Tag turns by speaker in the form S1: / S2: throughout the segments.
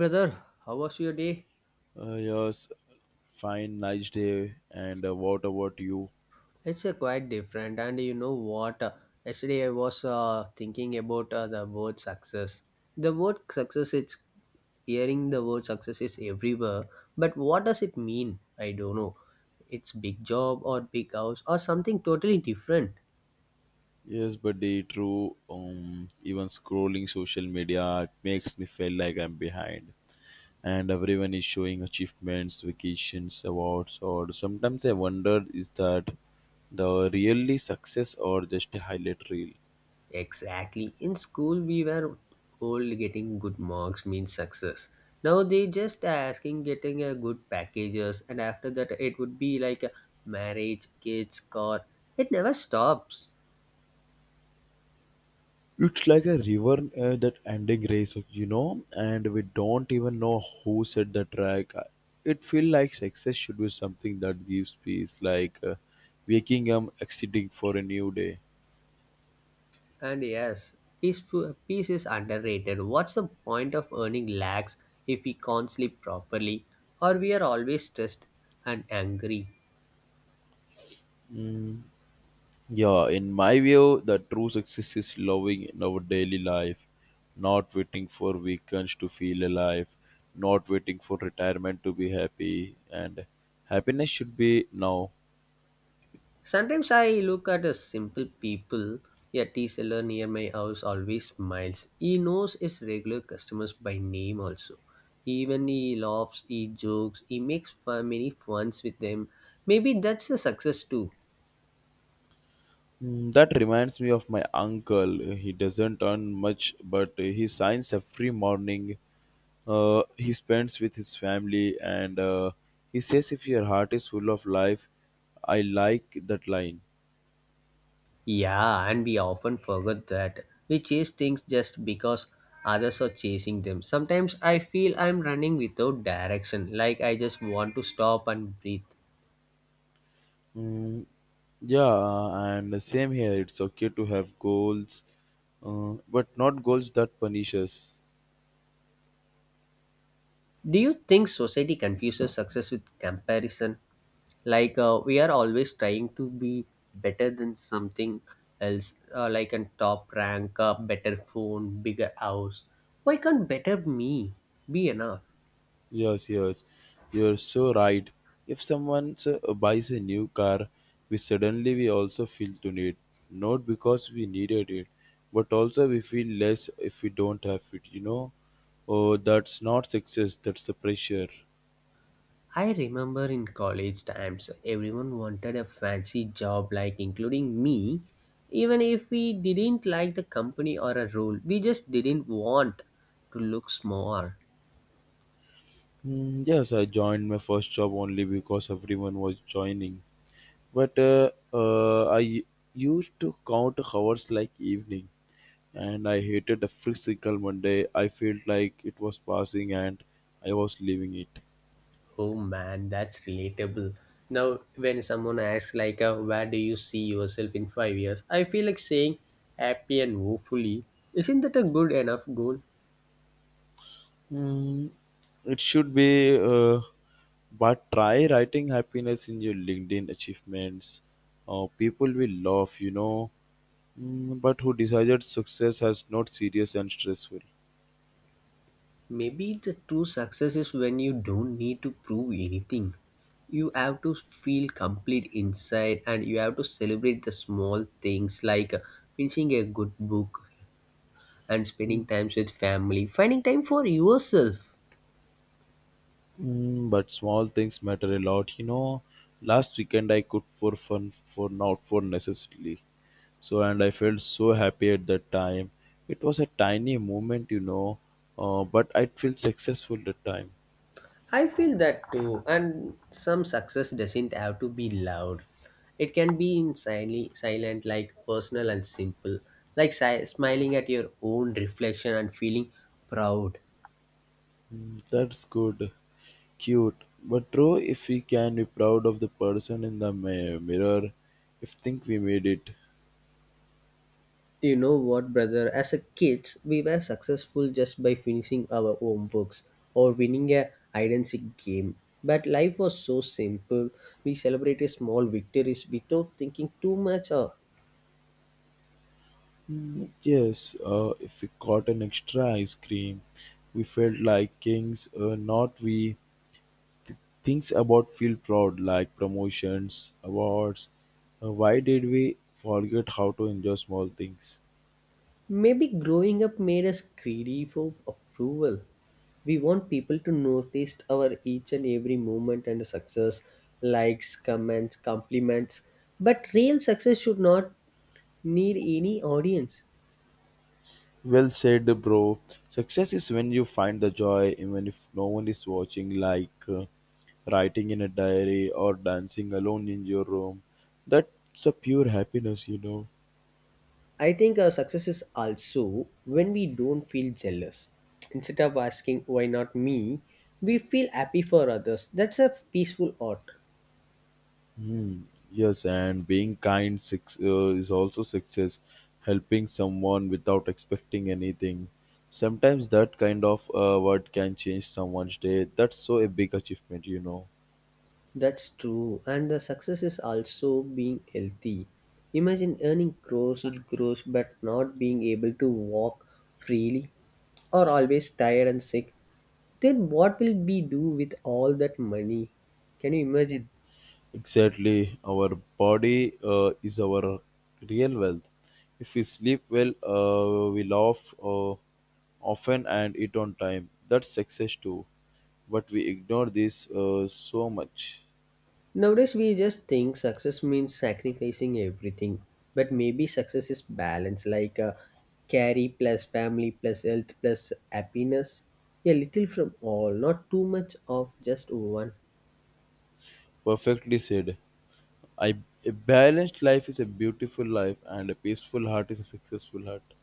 S1: Brother, how was your day?
S2: Yes, fine, nice day. And what about you?
S1: It's a quite different, and you know what? Yesterday I was thinking about the word success. The word success, it's hearing the word success is everywhere, but what does it mean? I don't know. It's big job or big house or something totally different.
S2: Yes, buddy, true. Even scrolling social media makes me feel like I'm behind. And everyone is showing achievements, vacations, awards, or sometimes I wonder, is that the really success or just a highlight reel?
S1: Exactly. In school, we were all getting good marks means success. Now they just asking getting a good packages, and after that, it would be like a marriage, kids, car. It never stops.
S2: It's like a river that ending race, you know, and we don't even know who set the track. It feels like success should be something that gives peace, like waking up, exiting for a new day.
S1: And yes, peace, peace is underrated. What's the point of earning lakhs if we can't sleep properly, or we are always stressed and angry?
S2: Yeah, in my view, the true success is loving in our daily life, not waiting for weekends to feel alive, not waiting for retirement to be happy, and happiness should be now.
S1: Sometimes I look at a simple people. A tea seller near my house always smiles. He knows his regular customers by name also. Even he laughs, he jokes, he makes fun, many funs with them. Maybe that's the success too.
S2: Mm, that reminds me of my uncle. He doesn't earn much, but he signs every morning. He spends with his family, and he says, "If your heart is full of life, I like that line."
S1: Yeah, and we often forget that. We chase things just because others are chasing them. Sometimes I feel I'm running without direction, like I just want to stop and breathe.
S2: Mm, yeah, and same here. It's okay to have goals, uh, but not goals that punish us.
S1: Do you think society confuses success with comparison? Like we are always trying to be better than something else, like a top rank, a better phone, bigger house, why can't better me be enough?
S2: Yes, yes, you're so right. If someone buys a new car, we suddenly we also feel to need, not because we needed it, but also we feel less if we don't have it. You know, oh, that's not success. That's the pressure.
S1: I remember in college times everyone wanted a fancy job, like including me, even if we didn't like the company or a role, we just didn't want to look small.
S2: Mm, yes, I joined my first job only because everyone was joining. But I used to count hours like evening, and I hated every single Monday. I felt like it was passing and I was leaving it.
S1: Oh man, that's relatable. Now, when someone asks like, "Where do you see yourself in 5 years?" I feel like saying, "Happy and hopefully." Isn't that a good enough goal?
S2: Mm, it should be, but try writing happiness in your LinkedIn achievements. People will laugh, you know. Mm, but who decided success as not serious and stressful?
S1: Maybe the true success is when you don't need to prove anything. You have to feel complete inside, and you have to celebrate the small things like finishing a good book and spending time with family, finding time for yourself.
S2: Mm, but small things matter a lot. You know, last weekend I cooked for fun, for not for necessarily. So, and I felt so happy at that time. It was a tiny moment, you know, but I felt successful that time.
S1: I feel that too, and some success doesn't have to be loud. It can be in silent, silent like personal and simple, like smiling at your own reflection and feeling proud.
S2: Mm, that's good, cute. But true, if we can be proud of the person in the mirror, if think we made it.
S1: You know what, brother? As a kids, we were successful just by finishing our homeworks or winning a hide and seek game. But life was so simple. We celebrated small victories without thinking too much. Or
S2: Yes, if we caught an extra ice cream, we felt like kings, not we. Things about feel proud like promotions, awards. Why did we forget how to enjoy small things?
S1: maybe growing up made us greedy for approval. We want people to notice our each and every movement and success, likes, comments, compliments. But real success should not need any audience.
S2: Well said, bro. Success is when you find the joy even if no one is watching, like writing in a diary or dancing alone in your room. That's a pure happiness, you know.
S1: I think our success is also when we don't feel jealous. Instead of asking, why not me? We feel happy for others. That's a peaceful art.
S2: Hmm. Yes, and being kind is also success, helping someone without expecting anything. Sometimes that kind of word can change someone's day. That's so a big achievement, you know.
S1: That's true. And the success is also being healthy. Imagine earning crores and crores but not being able to walk freely or always tired and sick, then what will we do with all that money? Can you imagine?
S2: Exactly, our body is our real wealth. If we sleep well, we laugh often and eat on time. That's success too. But we ignore this so much.
S1: Nowadays, we just think success means sacrificing everything, but maybe success is balance, like carry plus family plus health plus happiness. A little from all, not too much of just one.
S2: Perfectly said. I a balanced life is a beautiful life, and a peaceful heart is a successful heart.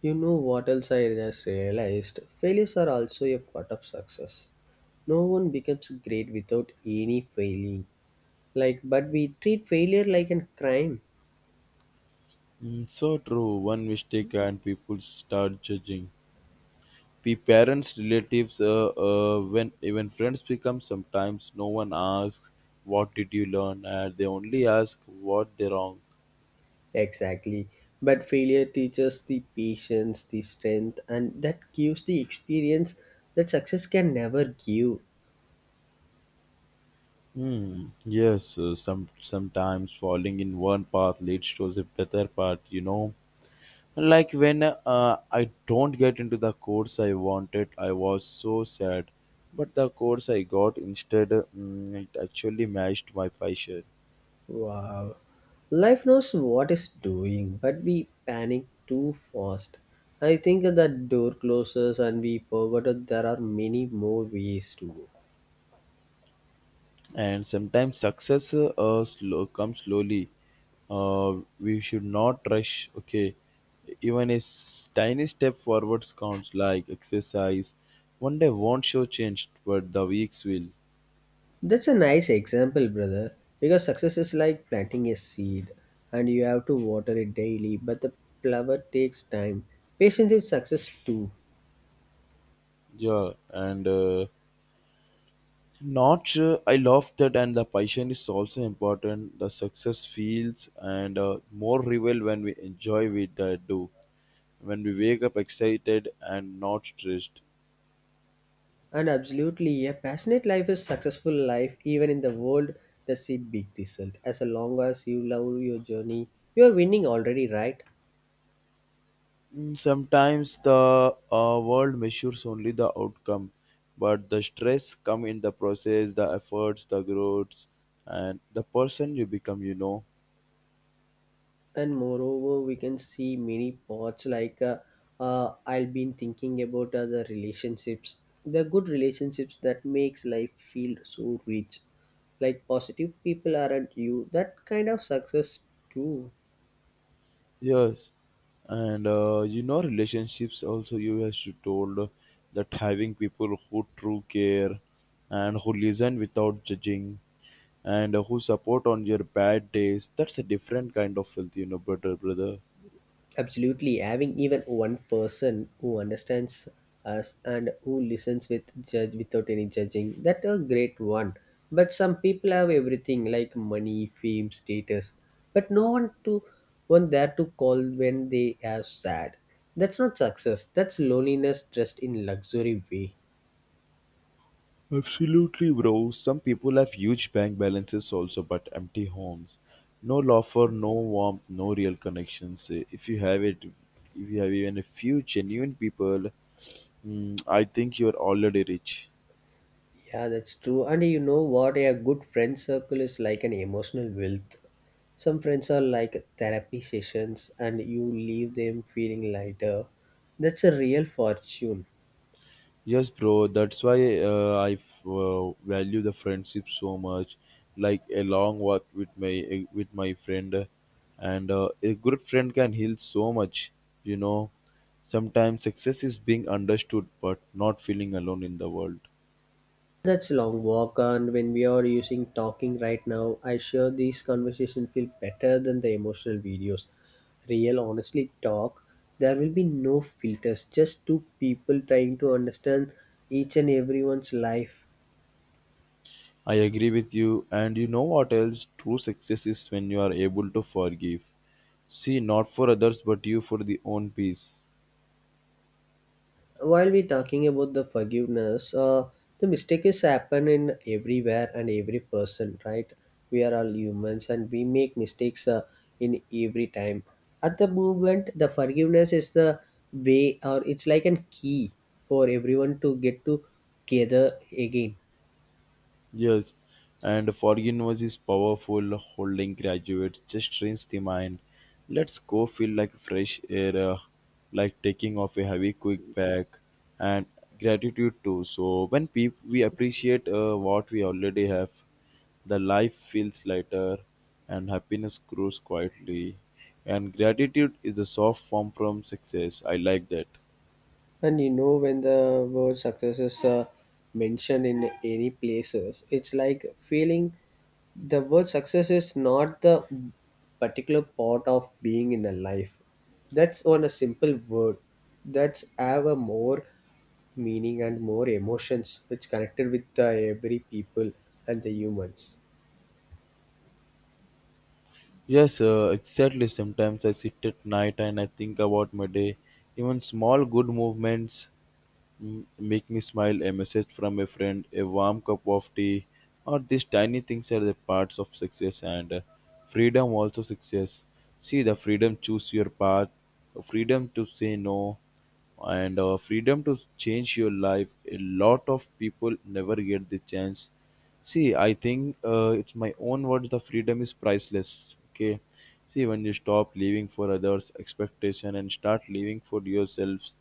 S1: You know what else I just realized? Failures are also a part of success. No one becomes great without any failing. Like, but we treat failure like a crime.
S2: Mm, so true. One mistake and people start judging. The parents, relatives, when even friends become sometimes, no one asks what did you learn, and they only ask what they wrong.
S1: Exactly, but failure teaches the patience, the strength, and that gives the experience that success can never give.
S2: Hmm. Yes, some sometimes falling in one path leads to a better path. You know, like when I don't get into the course I wanted, I was so sad. But the course I got instead, mm, it actually matched my passion.
S1: Wow, life knows what it's doing, but we panic too fast. I think that door closes and we forgot that there are many more ways to go.
S2: And sometimes success slow, comes slowly. We should not rush. Okay, even a tiny step forwards counts, like exercise. One day won't show change, but the weeks will.
S1: That's a nice example, brother, because success is like planting a seed and you have to water it daily, but the flower takes time. Patience is success too.
S2: Yeah, and. Not sure. I love that, and the passion is also important. The success feels and more real when we enjoy what I do, when we wake up excited and not stressed.
S1: And absolutely, a passionate life is successful life even in the world that see big result. As long as you love your journey, you are winning already, right?
S2: Mm, sometimes the world measures only the outcome, but the stress come in the process, the efforts, the growths, and the person you become. You know.
S1: And moreover we can see many parts, like I've been thinking about other relationships, the good relationships that makes life feel so rich, like positive people, aren't you that kind of success too?
S2: Yes, and you know, relationships also, you as you told that having people who true care and who listen without judging and who support on your bad days, that's a different kind of wealth, you know, brother, brother.
S1: Absolutely, having even one person who understands us and who listens with judge without any judging, that a great one. But some people have everything like money, fame, status, but no one to one there to call when they are sad. That's not success. That's loneliness dressed in luxury way.
S2: Absolutely, bro. Some people have huge bank balances also, but empty homes. No laughter, no warmth, no real connections. Eh, if you have it, if you have even a few genuine people, mm, I think you're already rich.
S1: Yeah, that's true. And you know what? A good friend circle is like an emotional wealth. Some friends are like therapy sessions, and you leave them feeling lighter. That's a real fortune.
S2: Yes, bro. That's why I value the friendship so much. Like a long walk with my with my friend, and a good friend can heal so much. You know, sometimes success is being understood, but not feeling alone in the world.
S1: That's long walk, and when we are using talking right now, I sure these conversation feel better than the emotional videos. Real, honestly talk. There will be no filters, just two people trying to understand each and everyone's life.
S2: I agree with you, and you know what else? True success is when you are able to forgive. See, not for others, but you for the own peace.
S1: While we're talking about the forgiveness, the mistake is happen in everywhere and every person, right? We are all humans and we make mistakes in every time. At the moment, the forgiveness is the way, or it's like a key for everyone to get together again.
S2: Yes, and forgiveness is powerful. Holding graduate just trains the mind. Let's go feel like fresh air, like taking off a heavy quick bag, and gratitude too. So when we appreciate what we already have, the life feels lighter, and happiness grows quietly. And gratitude is the soft form from success. I like that.
S1: And you know, when the word success is mentioned in any places, it's like feeling the word success is not the particular part of being in a life. That's on a simple word. That's have a more meaning and more emotions which connected with the every people and the humans.
S2: Yes, exactly. Sometimes I sit at night and I think about my day. Even small good movements, mm, make me smile. A message from a friend, a warm cup of tea, or these tiny things are the parts of success and freedom. Also, success. See the freedom choose your path, freedom to say no, and freedom to change your life. A lot of people never get the chance. See, I think it's my own words. The freedom is priceless. Okay. See, when you stop living for others' expectation and start living for yourselves,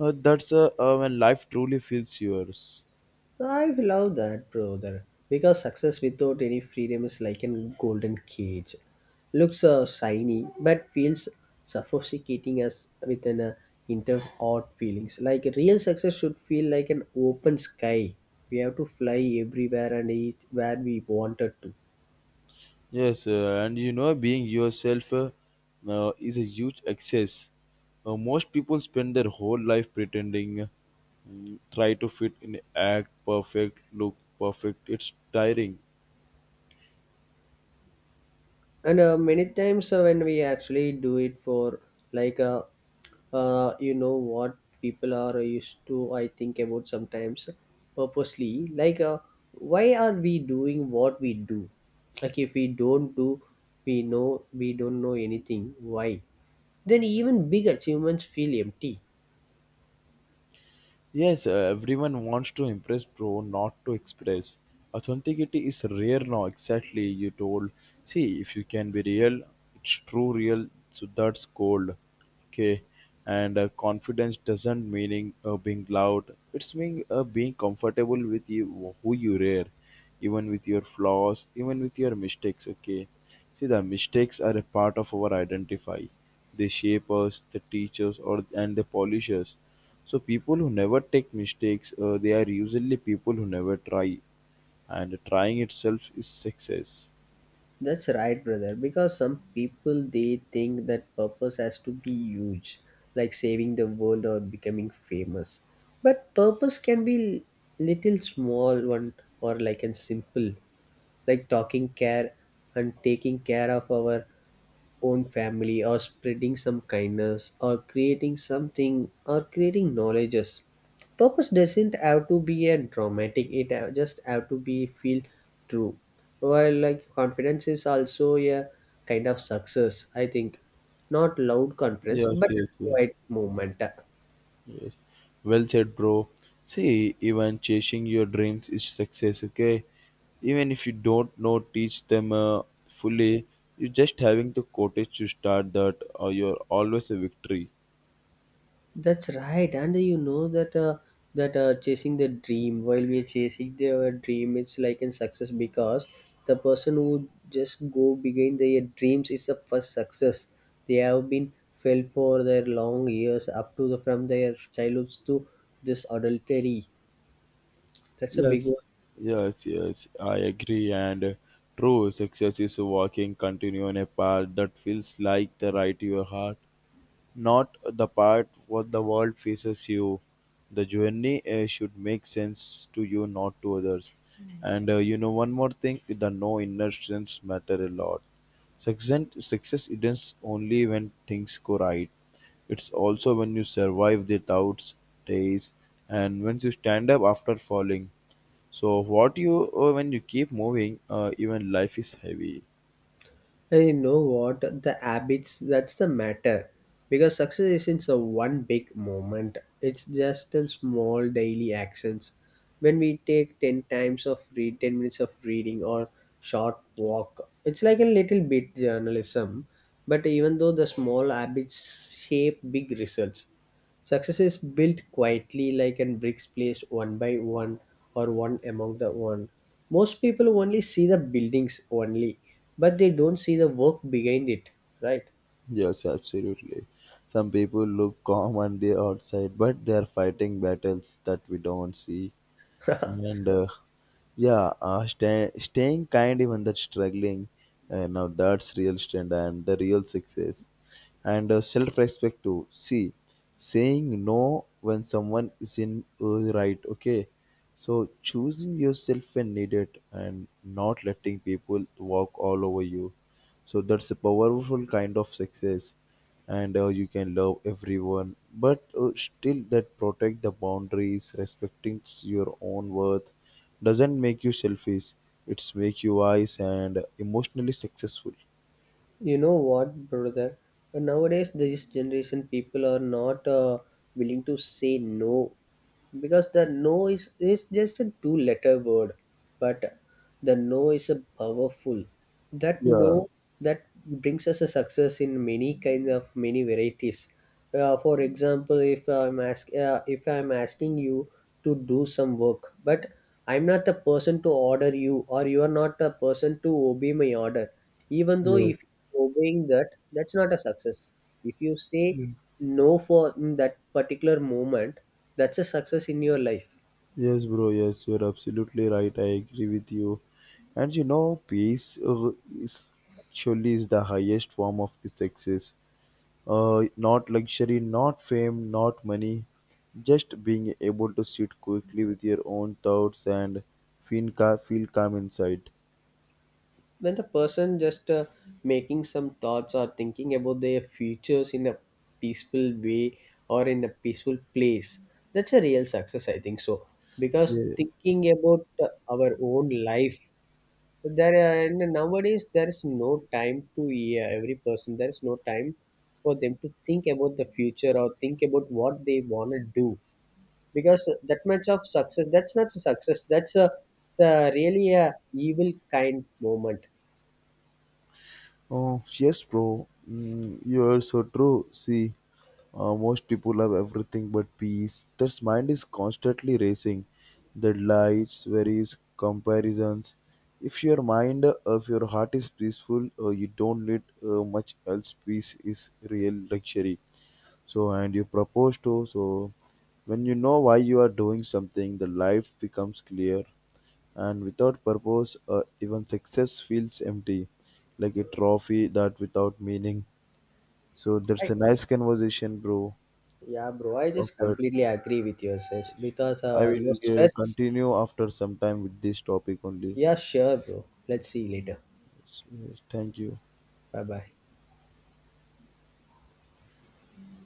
S2: that's when life truly feels yours.
S1: I love that, brother. Because success without any freedom is like a golden cage. Looks shiny, but feels suffocating as with an inter odd feelings. Like real success should feel like an open sky. We have to fly everywhere and eat where we wanted to.
S2: Yes, and you know, being yourself is a huge excess. Most people spend their whole life pretending, mm, try to fit in, act perfect, look perfect. It's tiring.
S1: And many times, when we actually do it for, like you know what people are used to, I think about sometimes purposely, like, why are we doing what we do? Like if we don't do, we know we don't know anything, why then even big achievements feel empty.
S2: Yes, everyone wants to impress, bro, not to express. Authenticity is rare now, exactly. You told, see, if you can be real, it's true, real, so that's gold. Okay, and confidence doesn't meaning being loud, it's mean being comfortable with you, who you are, even with your flaws, even with your mistakes. Okay, see, the mistakes are a part of our identify, they shape us, they teach us, or and they polish us, so people who never take mistakes, they are usually people who never try, and trying itself is success.
S1: That's right, brother. Because some people they think that purpose has to be huge, like saving the world or becoming famous. But purpose can be little small one or like and simple, like talking care and taking care of our own family or spreading some kindness or creating something or creating knowledges. Purpose doesn't have to be a dramatic, it just have to be feel true. While like confidence is also a kind of success I think, not loud confidence
S2: Yes,
S1: but
S2: yes, yes,
S1: quiet movement.
S2: yes. Well said, bro. See, even chasing your dreams is success. Okay, even if you don't know, teach them fully. You just having the courage to start that, or you're always a victory.
S1: That's right, and you know that chasing the dream, while we are chasing their dream, it's like a success because the person who just go behind their dreams is the first success. They have been felt for their long years up to the from their childhoods to this adultery. That's a big one.
S2: Yes, yes, yes, I agree. And true, success is walking continue on a path that feels like the right to your heart, not the part what the world faces you. The journey should make sense to you, not to others. And you know, one more thing, the no inner strengths matter a lot. Success isn't only when things go right. It's also when you survive the doubts, days, and when you stand up after falling. So what you when you keep moving, even life is heavy.
S1: I know what the habits that's the matter, because success isn't a one big moment, it's just a small daily actions. When we take 10 times of read 10 minutes of reading or short walk, it's like a little bit journalism, but even though the small habits shape big results. Success is built quietly, like and bricks placed one by one or one among the one. Most people only see the buildings only, but they don't see the work behind it, right?
S2: Yes, absolutely. Some people look calm on the outside, but they are fighting battles that we don't see. And yeah, staying kind even that struggling, now that's real strength and the real success. And self-respect too. See, saying no when someone is in, right, okay, so choosing yourself when needed and not letting people walk all over you, so that's a powerful kind of success. And you can love everyone, but still that protect the boundaries, respecting your own worth doesn't make you selfish, it's make you wise and emotionally successful.
S1: You know what, brother? Nowadays, this generation people are not willing to say no, because the no is just a two letter word, but the no is a powerful. That
S2: Yeah,
S1: no, that brings us a success in many kinds of many varieties. For example, if I'm asking you to do some work, but I'm not the person to order you, or you are not the person to obey my order. Even though if
S2: yes,
S1: you're obeying that, that's not a success. If you say
S2: yes.
S1: no for in that particular moment, that's a success in your life.
S2: Yes, bro, yes, you're absolutely right, I agree with you. And you know peace is actually is the highest form of the success. Not luxury, not fame, not money, just being able to sit quickly with your own thoughts and feel calm inside.
S1: When the person just making some thoughts or thinking about their futures in a peaceful way or in a peaceful place, that's a real success I think so, because
S2: Yeah.
S1: thinking about our own life there are, and nowadays there is no time to, yeah, every person there is no time for them to think about the future or think about what they want to do, because that much of success, that's not success, that's a the really a evil kind moment.
S2: Oh, yes, bro. Mm, you are so true. See, most people have everything but peace. Their mind is constantly racing. Deadlights, worries, comparisons. If your mind, if your heart is peaceful, you don't need much else. Peace is real luxury. So, and you propose to. So, when you know why you are doing something, the life becomes clear. And without purpose, even success feels empty, like a trophy that without meaning. So, that's a nice conversation, bro.
S1: Yeah, bro, I
S2: Of
S1: just
S2: that,
S1: completely agree with your says. Because
S2: I
S1: no
S2: will
S1: stress.
S2: continue after some time with this topic only.
S1: Yeah, sure, bro. Let's see you later.
S2: Yes, yes, thank you.
S1: Bye bye.